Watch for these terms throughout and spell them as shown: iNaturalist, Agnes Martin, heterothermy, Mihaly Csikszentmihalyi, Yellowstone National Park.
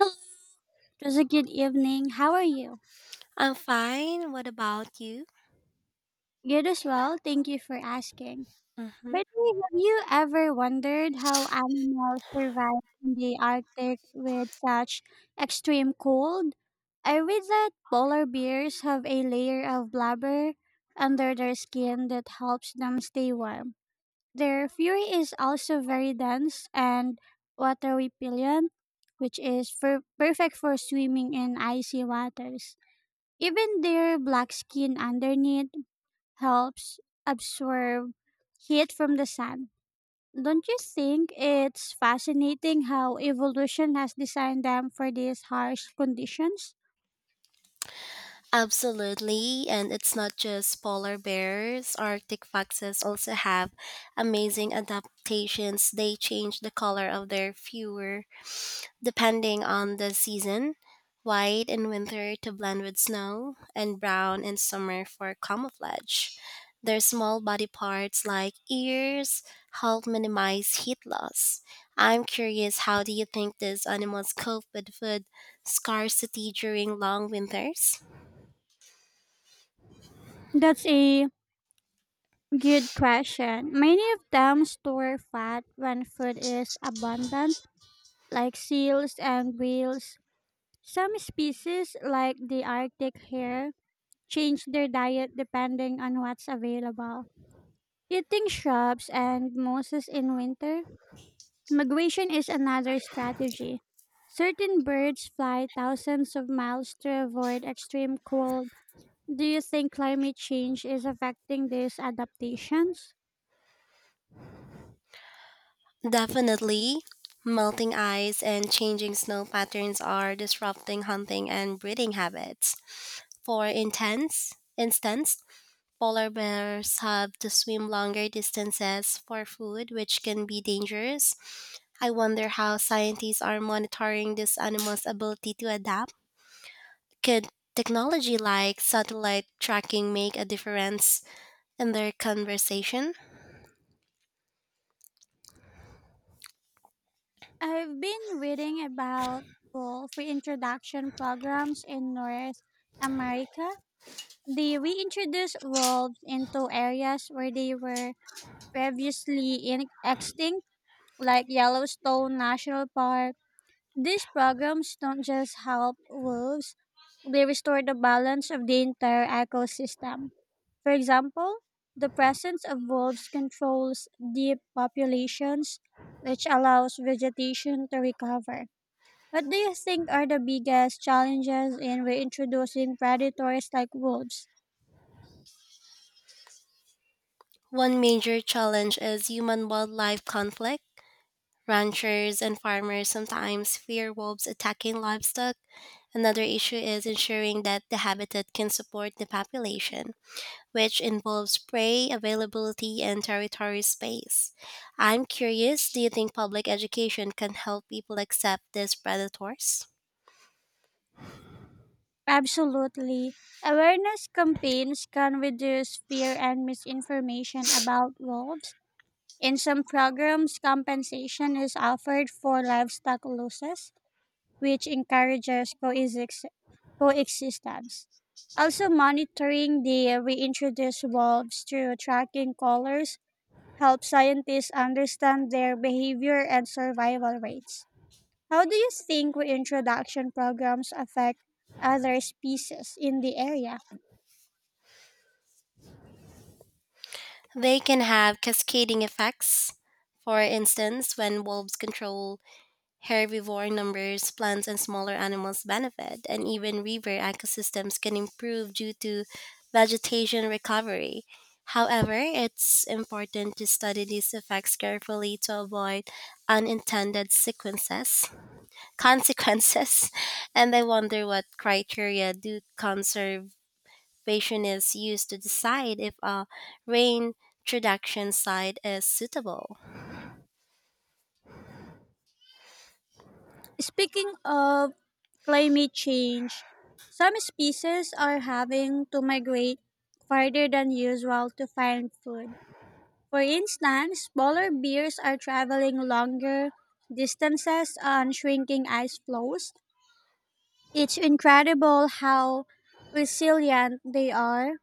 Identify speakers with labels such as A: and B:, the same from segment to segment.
A: Hello, it was a good evening. How are you?
B: I'm fine. What about you?
A: Good as well. Thank you for asking.
B: Hmm.
A: By the way, have you ever wondered how animals survive in the Arctic with such extreme cold? I read that polar bears have a layer of blubber under their skin that helps them stay warm. Their fur is also very dense and water repellent, which is perfect for swimming in icy waters. Even their black skin underneath helps absorb heat from the sun. Don't you think it's fascinating how evolution has designed them for these harsh conditions?
B: Absolutely. And it's not just polar bears. Arctic foxes also have amazing adaptations. They change the color of their fur depending on the season, white in winter to blend with snow, and brown in summer for camouflage. Their small body parts, like ears, help minimize heat loss. I'm curious, how do you think these animals cope with food scarcity during long winters?
A: That's a good question. Many of them store fat when food is abundant, like seals and whales. Some species, like the Arctic hare, change their diet depending on what's available. Eating shrubs and mosses in winter? Migration is another strategy. Certain birds fly thousands of miles to avoid extreme cold. Do you think climate change is affecting these adaptations?
B: Definitely. Melting ice and changing snow patterns are disrupting hunting and breeding habits. For intense instance, polar bears have to swim longer distances for food, which can be dangerous. I wonder how scientists are monitoring these animals' ability to adapt. Could technology like satellite tracking make a difference in their conversation?
A: I've been reading about wolf reintroduction programs in North America. They reintroduce wolves into areas where they were previously extinct, like Yellowstone National Park. These programs don't just help wolves, they restore the balance of the entire ecosystem. For example, the presence of wolves controls deep populations, which allows vegetation to recover. What do you think are the biggest challenges in reintroducing predators like wolves?
B: One major challenge is human wildlife conflict. Ranchers and farmers sometimes fear wolves attacking livestock. Another issue is ensuring that the habitat can support the population, which involves prey availability and territory space. I'm curious, do you think public education can help people accept these predators?
A: Absolutely. Awareness campaigns can reduce fear and misinformation about wolves. In some programs, compensation is offered for livestock losses, which encourages coexistence. Also, monitoring the reintroduced wolves through tracking collars helps scientists understand their behavior and survival rates. How do you think reintroduction programs affect other species in the area?
B: They can have cascading effects. For instance, when wolves control herbivore numbers, plants and smaller animals benefit, and even river ecosystems can improve due to vegetation recovery. However, it's important to study these effects carefully to avoid unintended sequences. Consequences, and I wonder, what criteria do conservationists use to decide if a rain introduction site is suitable.
A: Speaking of climate change. Some species are having to migrate farther than usual to find food. For instance, polar bears are traveling longer distances on shrinking ice floes. It's incredible how resilient they are,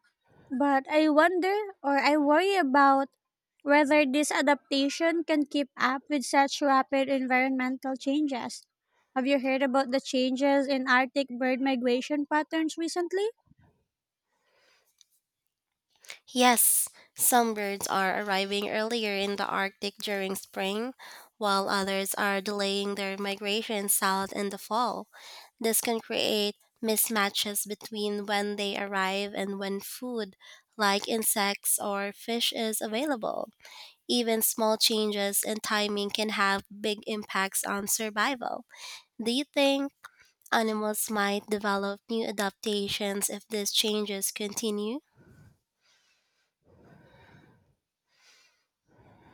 A: but I wonder, or I worry about whether this adaptation can keep up with such rapid environmental changes. Have you heard about the changes in Arctic bird migration patterns recently?
B: Yes, some birds are arriving earlier in the Arctic during spring, while others are delaying their migration south in the fall. This can create mismatches between when they arrive and when food, like insects or fish, is available. Even small changes in timing can have big impacts on survival. Do you think animals might develop new adaptations if these changes continue?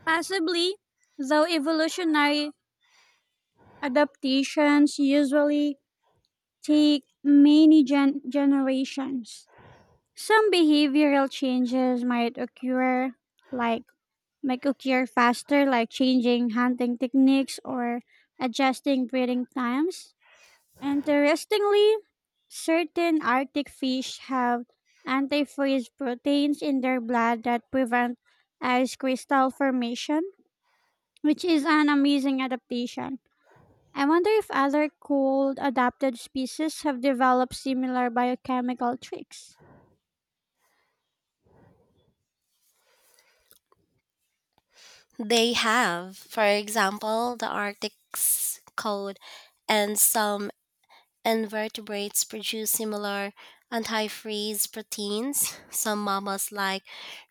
A: Possibly, though evolutionary adaptations usually take many generations. Some behavioral changes might occur, like make a cure faster, like changing hunting techniques or adjusting breeding times. Interestingly, certain Arctic fish have antifreeze proteins in their blood that prevent ice crystal formation, which is an amazing adaptation. I wonder if other cold adapted species have developed similar biochemical tricks.
B: They have. For example, the Arctic's cold and some invertebrates produce similar anti-freeze proteins. Some mammals like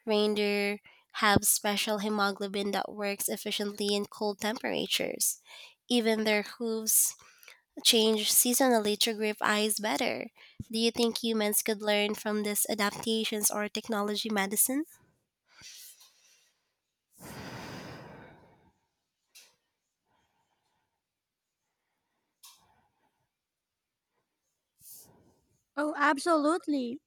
B: reindeer have special hemoglobin that works efficiently in cold temperatures. Even their hooves change seasonally to grip eyes better. Do you think humans could learn from these adaptations or technology medicine?
A: Oh, absolutely.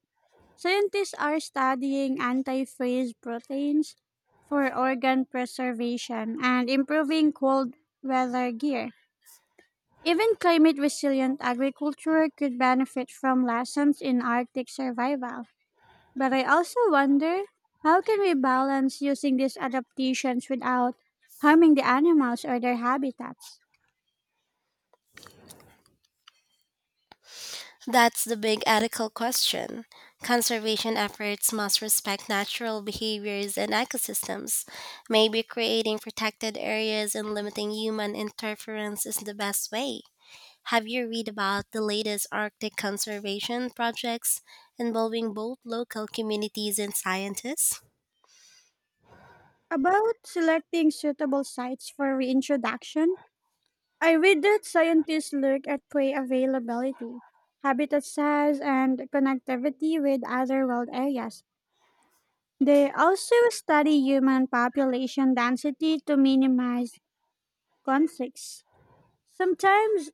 A: Scientists are studying anti-phage proteins for organ preservation and improving cold weather gear. Even climate resilient agriculture could benefit from lessons in Arctic survival. But I also wonder, how can we balance using these adaptations without harming the animals or their habitats?
B: That's the big ethical question. Conservation efforts must respect natural behaviors and ecosystems. Maybe creating protected areas and limiting human interference is the best way. Have you read about the latest Arctic conservation projects involving both local communities and scientists?
A: About selecting suitable sites for reintroduction, I read that scientists look at prey availability, habitat size, and connectivity with other wild areas. They also study human population density to minimize conflicts. Sometimes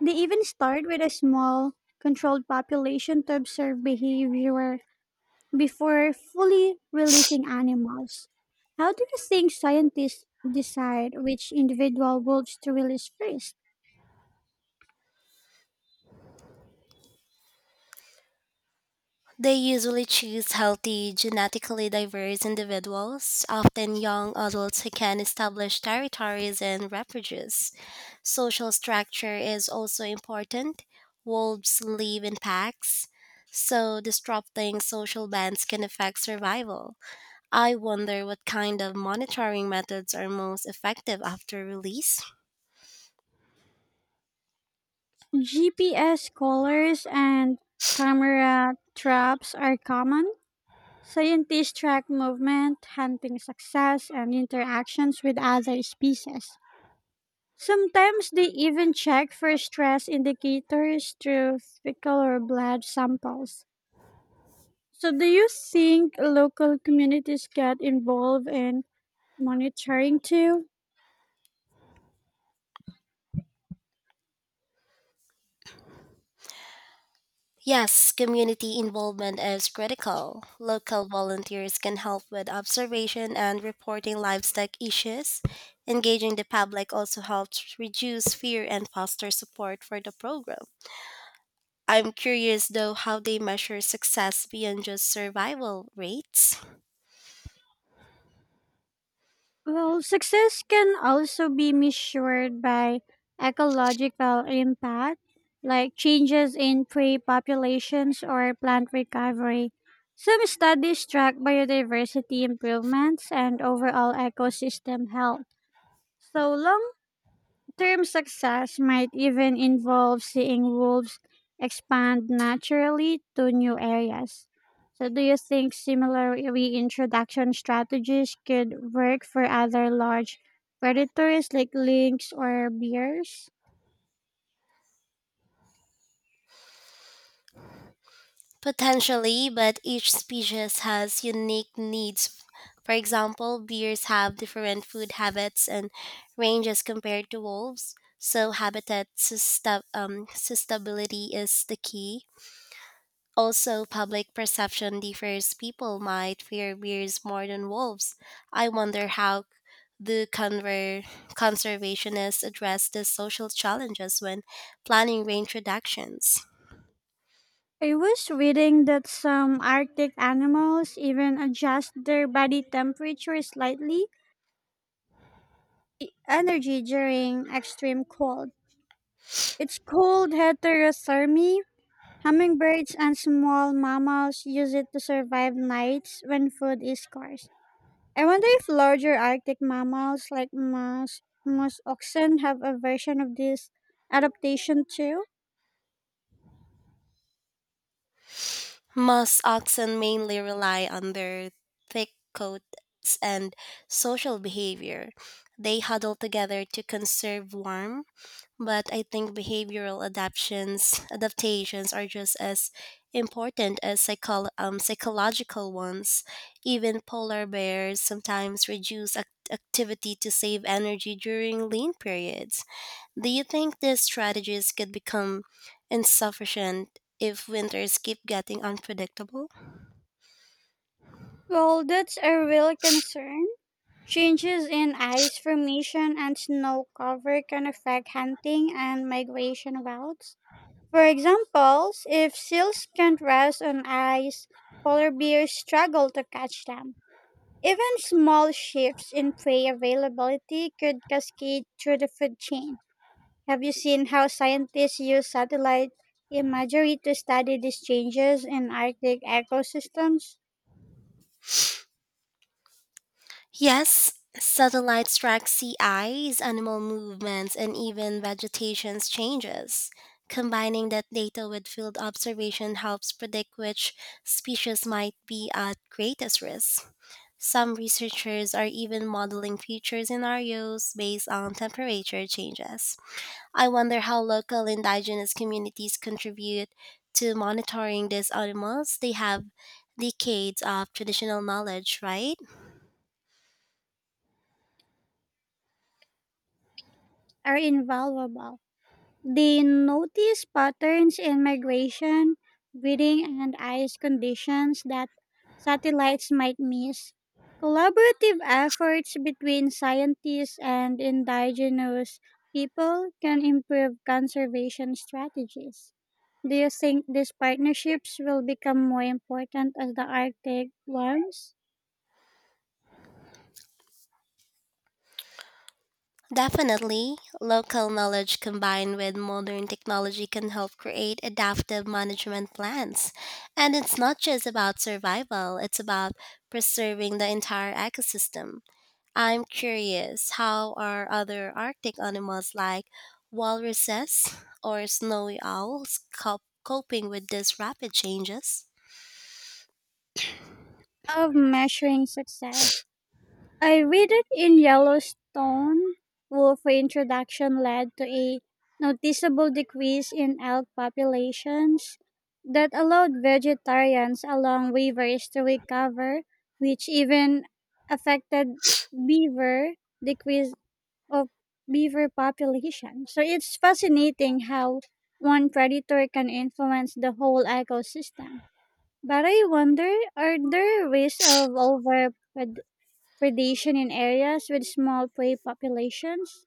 A: they even start with a small, controlled population to observe behavior before fully releasing animals. How do you think scientists decide which individual wolves to release first?
B: They usually choose healthy, genetically diverse individuals, often young adults who can establish territories and reproduce. Social structure is also important. Wolves live in packs, so disrupting social bands can affect survival. I wonder what kind of monitoring methods are most effective after release.
A: GPS collars and camera traps are common. Scientists track movement, hunting success, and interactions with other species. Sometimes they even check for stress indicators through fecal or blood samples. So, do you think local communities get involved in monitoring too?
B: Yes, community involvement is critical. Local volunteers can help with observation and reporting livestock issues. Engaging the public also helps reduce fear and foster support for the program. I'm curious though, how they measure success beyond just survival rates.
A: Well, success can also be measured by ecological impact, like changes in prey populations or plant recovery. Some studies track biodiversity improvements and overall ecosystem health. So long term success might even involve seeing wolves expand naturally to new areas. So, do you think similar reintroduction strategies could work for other large predators like lynx or bears?
B: Potentially, but each species has unique needs. For example, bears have different food habits and ranges compared to wolves, so habitat sustainability is the key. Also, public perception differs. People might fear bears more than wolves. I wonder how the conservationists address the social challenges when planning range reductions.
A: I was reading that some Arctic animals even adjust their body temperature slightly, energy during extreme cold. It's called heterothermy. Hummingbirds and small mammals use it to survive nights when food is scarce. I wonder if larger Arctic mammals like moose oxen have a version of this adaptation too.
B: Most oxen mainly rely on their thick coats and social behavior. They huddle together to conserve warmth, but I think behavioral adaptations are just as important as psychological ones. Even polar bears sometimes reduce activity to save energy during lean periods. Do you think these strategies could become insufficient if winters keep getting unpredictable?
A: Well, that's a real concern. Changes in ice formation and snow cover can affect hunting and migration routes. For example, if seals can't rest on ice, polar bears struggle to catch them. Even small shifts in prey availability could cascade through the food chain. Have you seen how scientists use satellite imagery to study these changes in Arctic ecosystems?
B: Yes, satellites track sea ice, animal movements, and even vegetation changes. Combining that data with field observation helps predict which species might be at greatest risk. Some researchers are even modeling future scenarios based on temperature changes. I wonder how local indigenous communities contribute to monitoring these animals. They have decades of traditional knowledge, right?
A: Are invaluable. They notice patterns in migration, breeding, and ice conditions that satellites might miss. Collaborative efforts between scientists and indigenous people can improve conservation strategies. Do you think these partnerships will become more important as the Arctic warms?
B: Definitely, local knowledge combined with modern technology can help create adaptive management plans. And it's not just about survival, it's about preserving the entire ecosystem. I'm curious, how are other Arctic animals like walruses or snowy owls coping with these rapid changes?
A: Of measuring success, I read it in Yellowstone. Wolf reintroduction led to a noticeable decrease in elk populations that allowed vegetarians along rivers to recover, which even affected beaver decrease of beaver population. So it's fascinating how one predator can influence the whole ecosystem. But I wonder, are there risks of over predation in areas with small prey populations.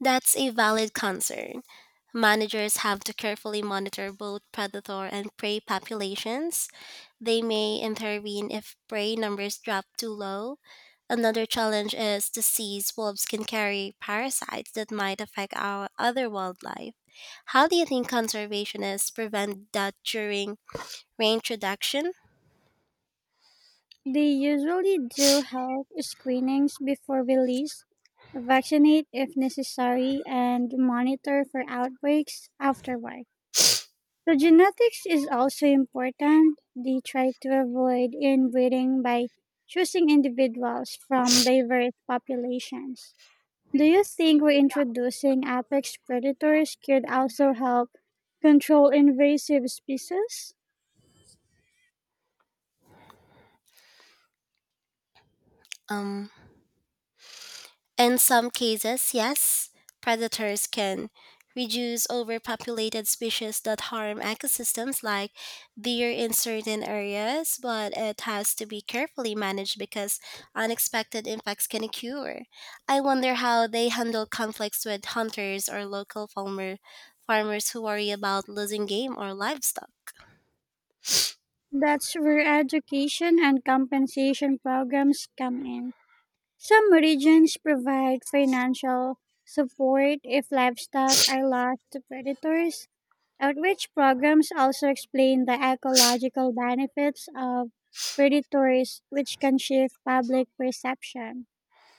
B: That's a valid concern. Managers have to carefully monitor both predator and prey populations. They may intervene if prey numbers drop too low. Another challenge is disease. Wolves can carry parasites that might affect our other wildlife. How do you think conservationists prevent that during reintroduction?
A: They usually do health screenings before release, vaccinate if necessary, and monitor for outbreaks afterward. So, genetics is also important. They try to avoid inbreeding by choosing individuals from diverse populations. Do you think reintroducing apex predators could also help control invasive species?
B: Um, in some cases, yes, predators can reduce overpopulated species that harm ecosystems like deer in certain areas, but it has to be carefully managed because unexpected impacts can occur. I wonder how they handle conflicts with hunters or farmers who worry about losing game or livestock.
A: That's where education and compensation programs come in. Some regions provide financial support if livestock are lost to predators. Outreach programs also explain the ecological benefits of predators, which can shift public perception.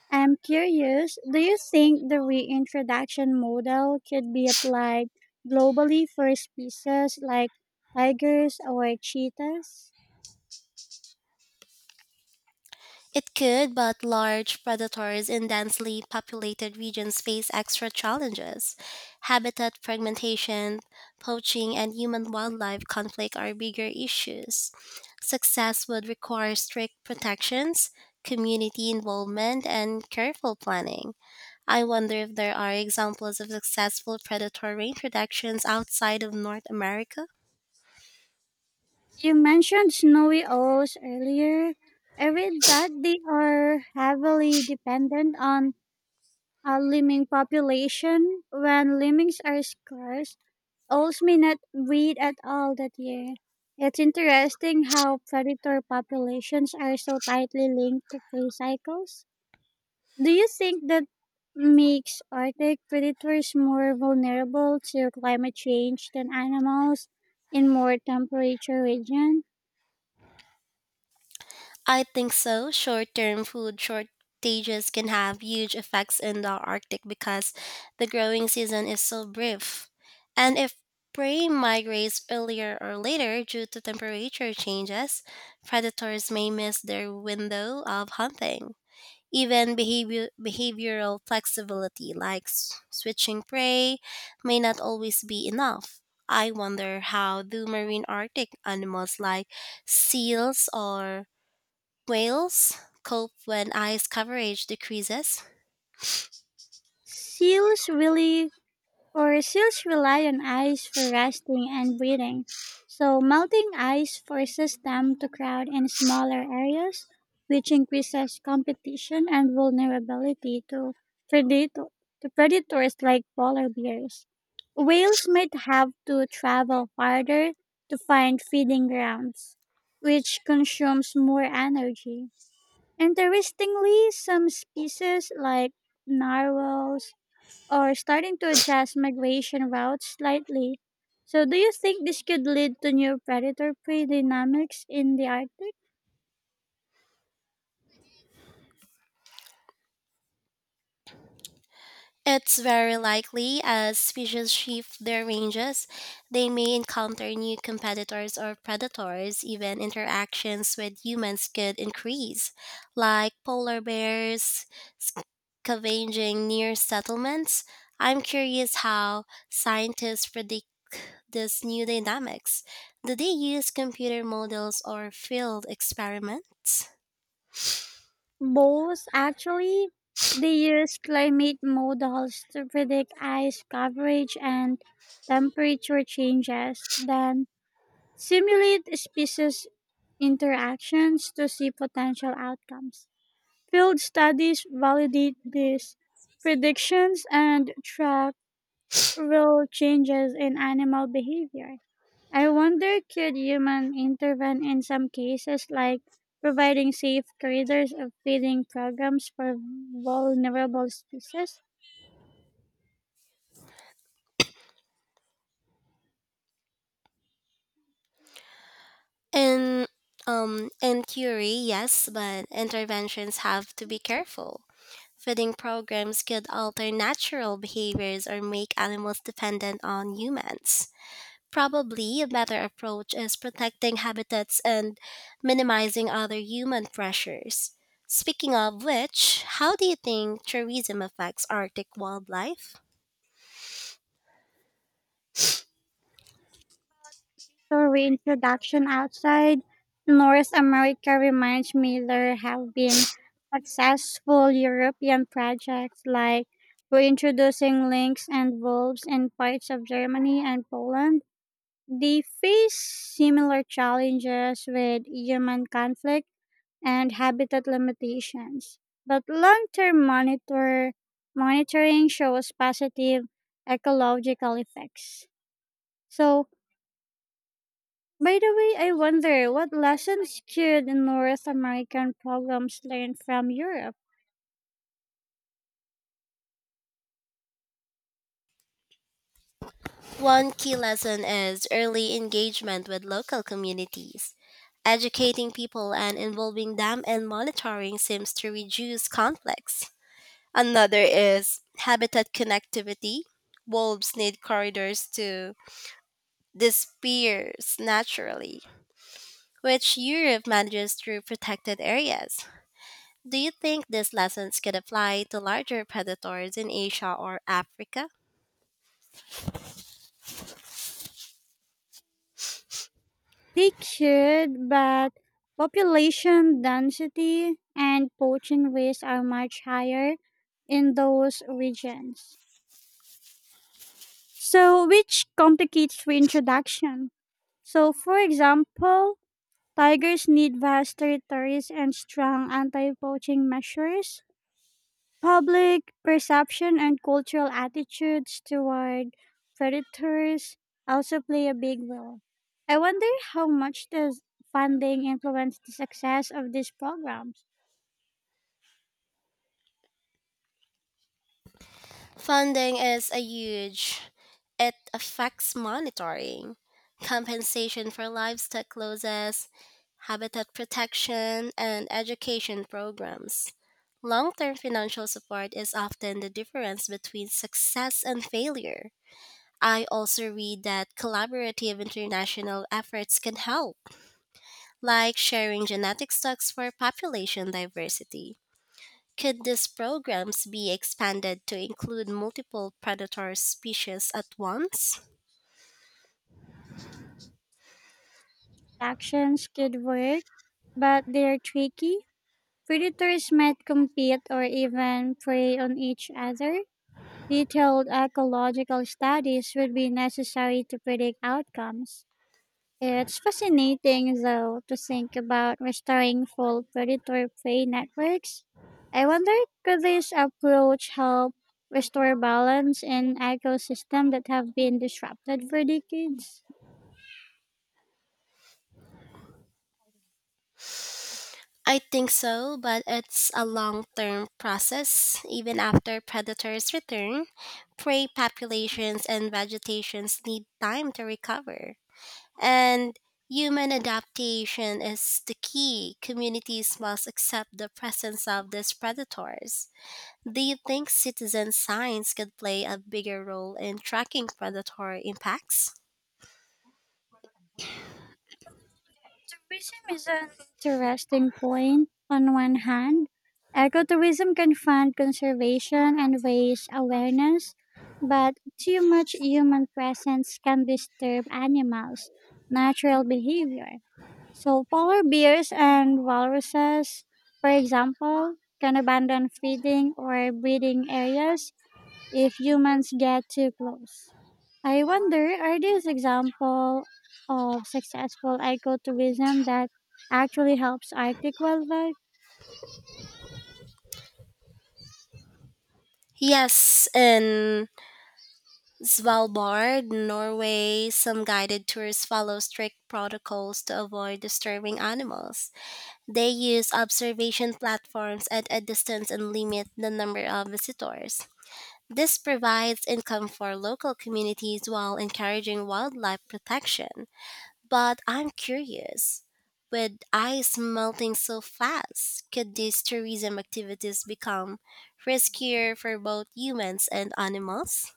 A: I'm curious, do you think the reintroduction model could be applied globally for species like tigers or cheetahs?
B: It could, but large predators in densely populated regions face extra challenges. Habitat fragmentation, poaching, and human wildlife conflict are bigger issues. Success would require strict protections, community involvement, and careful planning. I wonder if there are examples of successful predator reintroductions outside of North America?
A: You mentioned snowy owls earlier. I read that they are heavily dependent on a lemming population. When lemmings are scarce, owls may not breed at all that year. It's interesting how predator populations are so tightly linked to prey cycles. Do you think that makes Arctic predators more vulnerable to climate change than animals in more temperate regions?
B: I think so. Short term food shortages can have huge effects in the Arctic because the growing season is so brief. And if prey migrates earlier or later due to temperature changes, predators may miss their window of hunting. Even behavioral flexibility, like switching prey, may not always be enough. I wonder, how do marine Arctic animals like seals or whales cope when ice coverage decreases?
A: Seals really or Seals rely on ice for resting and breeding. So melting ice forces them to crowd in smaller areas, which increases competition and vulnerability to predator predators like polar bears. Whales might have to travel farther to find feeding grounds, which consumes more energy. Interestingly, some species like narwhals or starting to adjust migration routes slightly. So, do you think this could lead to new predator prey dynamics in the Arctic?
B: It's very likely. As species shift their ranges, they may encounter new competitors or predators, even interactions with humans could increase, like polar bears scavenging near settlements. I'm curious how scientists predict these new dynamics. Do they use computer models or field experiments?
A: Both, actually. They use climate models to predict ice coverage and temperature changes, then simulate species interactions to see potential outcomes. Field studies validate these predictions and track real changes in animal behavior. I wonder, could human intervene in some cases like providing safe corridors of feeding programs for vulnerable species?
B: And In theory, yes, but interventions have to be careful. Feeding programs could alter natural behaviors or make animals dependent on humans. Probably a better approach is protecting habitats and minimizing other human pressures. Speaking of which, how do you think tourism affects Arctic wildlife?
A: So reintroduction outside North America reminds me there have been successful European projects like reintroducing lynx and wolves in parts of Germany and Poland. They face similar challenges with human conflict and habitat limitations, but long-term monitoring shows positive ecological effects. So, by the way, I wonder what lessons could North American programs learn from Europe?
B: One key lesson is early engagement with local communities. Educating people and involving them in monitoring seems to reduce conflicts. Another is habitat connectivity. Wolves need corridors to disperse naturally, which Europe manages through protected areas. Do you think these lessons could apply to larger predators in Asia or Africa?
A: They could, but population density and poaching rates are much higher in those regions. So, which complicates reintroduction. So, for example, tigers need vast territories and strong anti poaching measures. Public perception and cultural attitudes toward predators also play a big role. I wonder, how much does funding influence the success of these programs?
B: Funding is a huge. It affects monitoring, compensation for livestock losses, habitat protection, and education programs. Long term financial support is often the difference between success and failure. I also read that collaborative international efforts can help, like sharing genetic stocks for population diversity. Could these programs be expanded to include multiple predator species at once?
A: Actions could work, but they're tricky. Predators might compete or even prey on each other. Detailed ecological studies would be necessary to predict outcomes. It's fascinating, though, to think about restoring full predator prey networks. I wonder, could this approach help restore balance in ecosystems that have been disrupted for decades?
B: I think so, but it's a long term process. Even after predators return, prey populations and vegetations need time to recover. And human adaptation is the key. Communities must accept the presence of these predators. Do you think citizen science could play a bigger role in tracking predator impacts?
A: Tourism is an interesting point. On one hand, ecotourism can fund conservation and raise awareness, but too much human presence can disturb animals' natural behavior. So, polar bears and walruses, for example, can abandon feeding or breeding areas if humans get too close. I wonder, are these examples of successful ecotourism that actually helps Arctic wildlife?
B: Yes, and Svalbard, Norway, some guided tours follow strict protocols to avoid disturbing animals. They use observation platforms at a distance and limit the number of visitors. This provides income for local communities while encouraging wildlife protection. But I'm curious, with ice melting so fast, could these tourism activities become riskier for both humans and animals?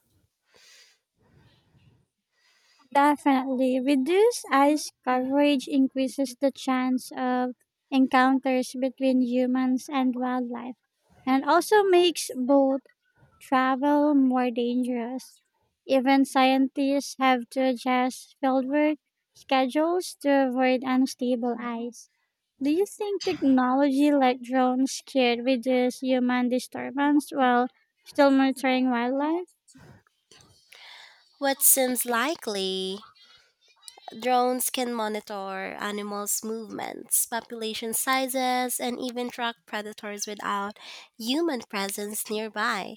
A: Definitely. Reduced ice coverage increases the chance of encounters between humans and wildlife, and also makes boat travel more dangerous. Even scientists have to adjust fieldwork schedules to avoid unstable ice. Do you think technology like drones could reduce human disturbance while still monitoring wildlife?
B: What seems likely, drones can monitor animals' movements, population sizes, and even track predators without human presence nearby.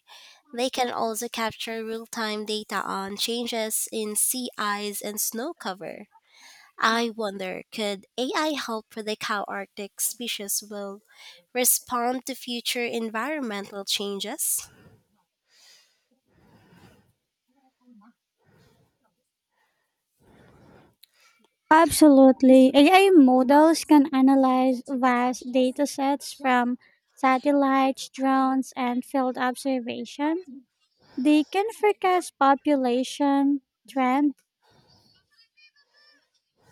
B: They can also capture real time data on changes in sea ice and snow cover. I wonder, could AI help predict how Arctic species will respond to future environmental changes?
A: Absolutely. AI models can analyze vast data sets from satellites, drones, and field observation. They can forecast population, trend,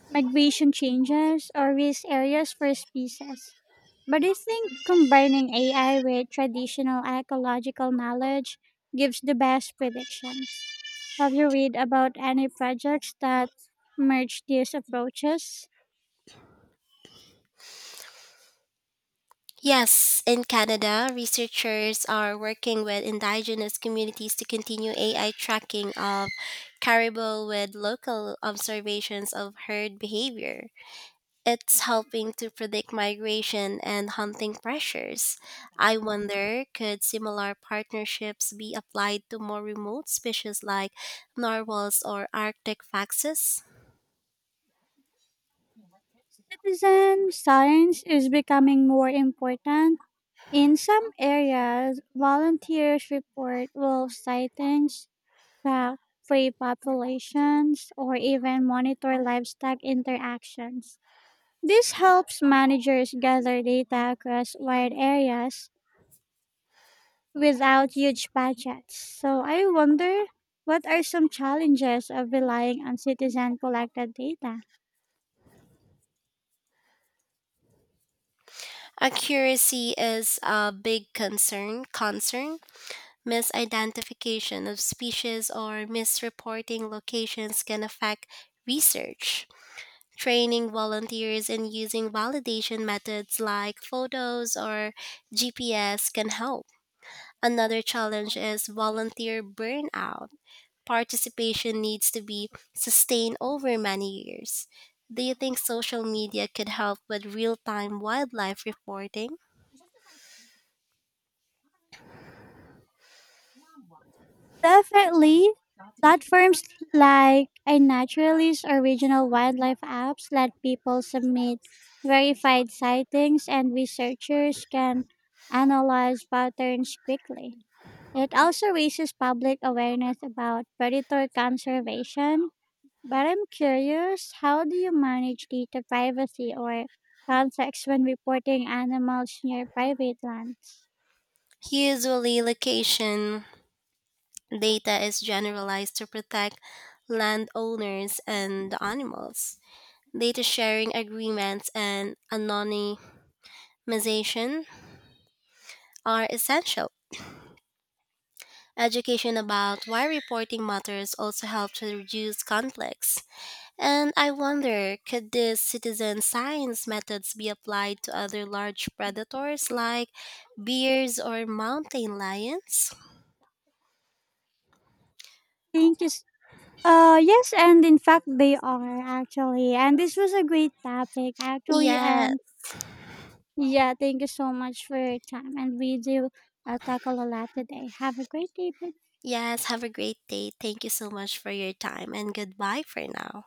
A: migration changes or risk areas for species. But I think combining AI with traditional ecological knowledge gives the best predictions. Have you read about any projects that merge these approaches?
B: Yes, in Canada, researchers are working with indigenous communities to continue AI tracking of caribou with local observations of herd behavior. It's helping to predict migration and hunting pressures. I wonder, could similar partnerships be applied to more remote species like narwhals or Arctic foxes?
A: Citizen science is becoming more important. In some areas, volunteers report wolf sightings. Track prey populations, or even monitor livestock interactions. This helps managers gather data across wide areas without huge budgets. So I wonder, what are some challenges of relying on citizen collected data?
B: Accuracy is a big concern. Misidentification of species or misreporting locations can affect research. Training volunteers and using validation methods like photos or GPS can help. Another challenge is volunteer burnout. Participation needs to be sustained over many years. Do you think social media could help with real time wildlife reporting?
A: Definitely, platforms like iNaturalist or regional wildlife apps let people submit verified sightings, and researchers can analyze patterns quickly. It also raises public awareness about predator conservation. But I'm curious, how do you manage data privacy or context when reporting animals near private lands?
B: Usually, location data is generalized to protect landowners and the animals. Data sharing agreements and anonymization are essential. Education about why reporting matters also helps to reduce conflicts. And I wonder, could these citizen science methods be applied to other large predators like bears or mountain lions?
A: Thank you. Yes, and in fact, they are actually. And this was a great topic, actually.
B: Yeah,
A: And yeah, thank you so much for your time. And we do tackle a lot today. Have a great day. Bye.
B: yes, have a great day. Thank you so much for your time and goodbye for now.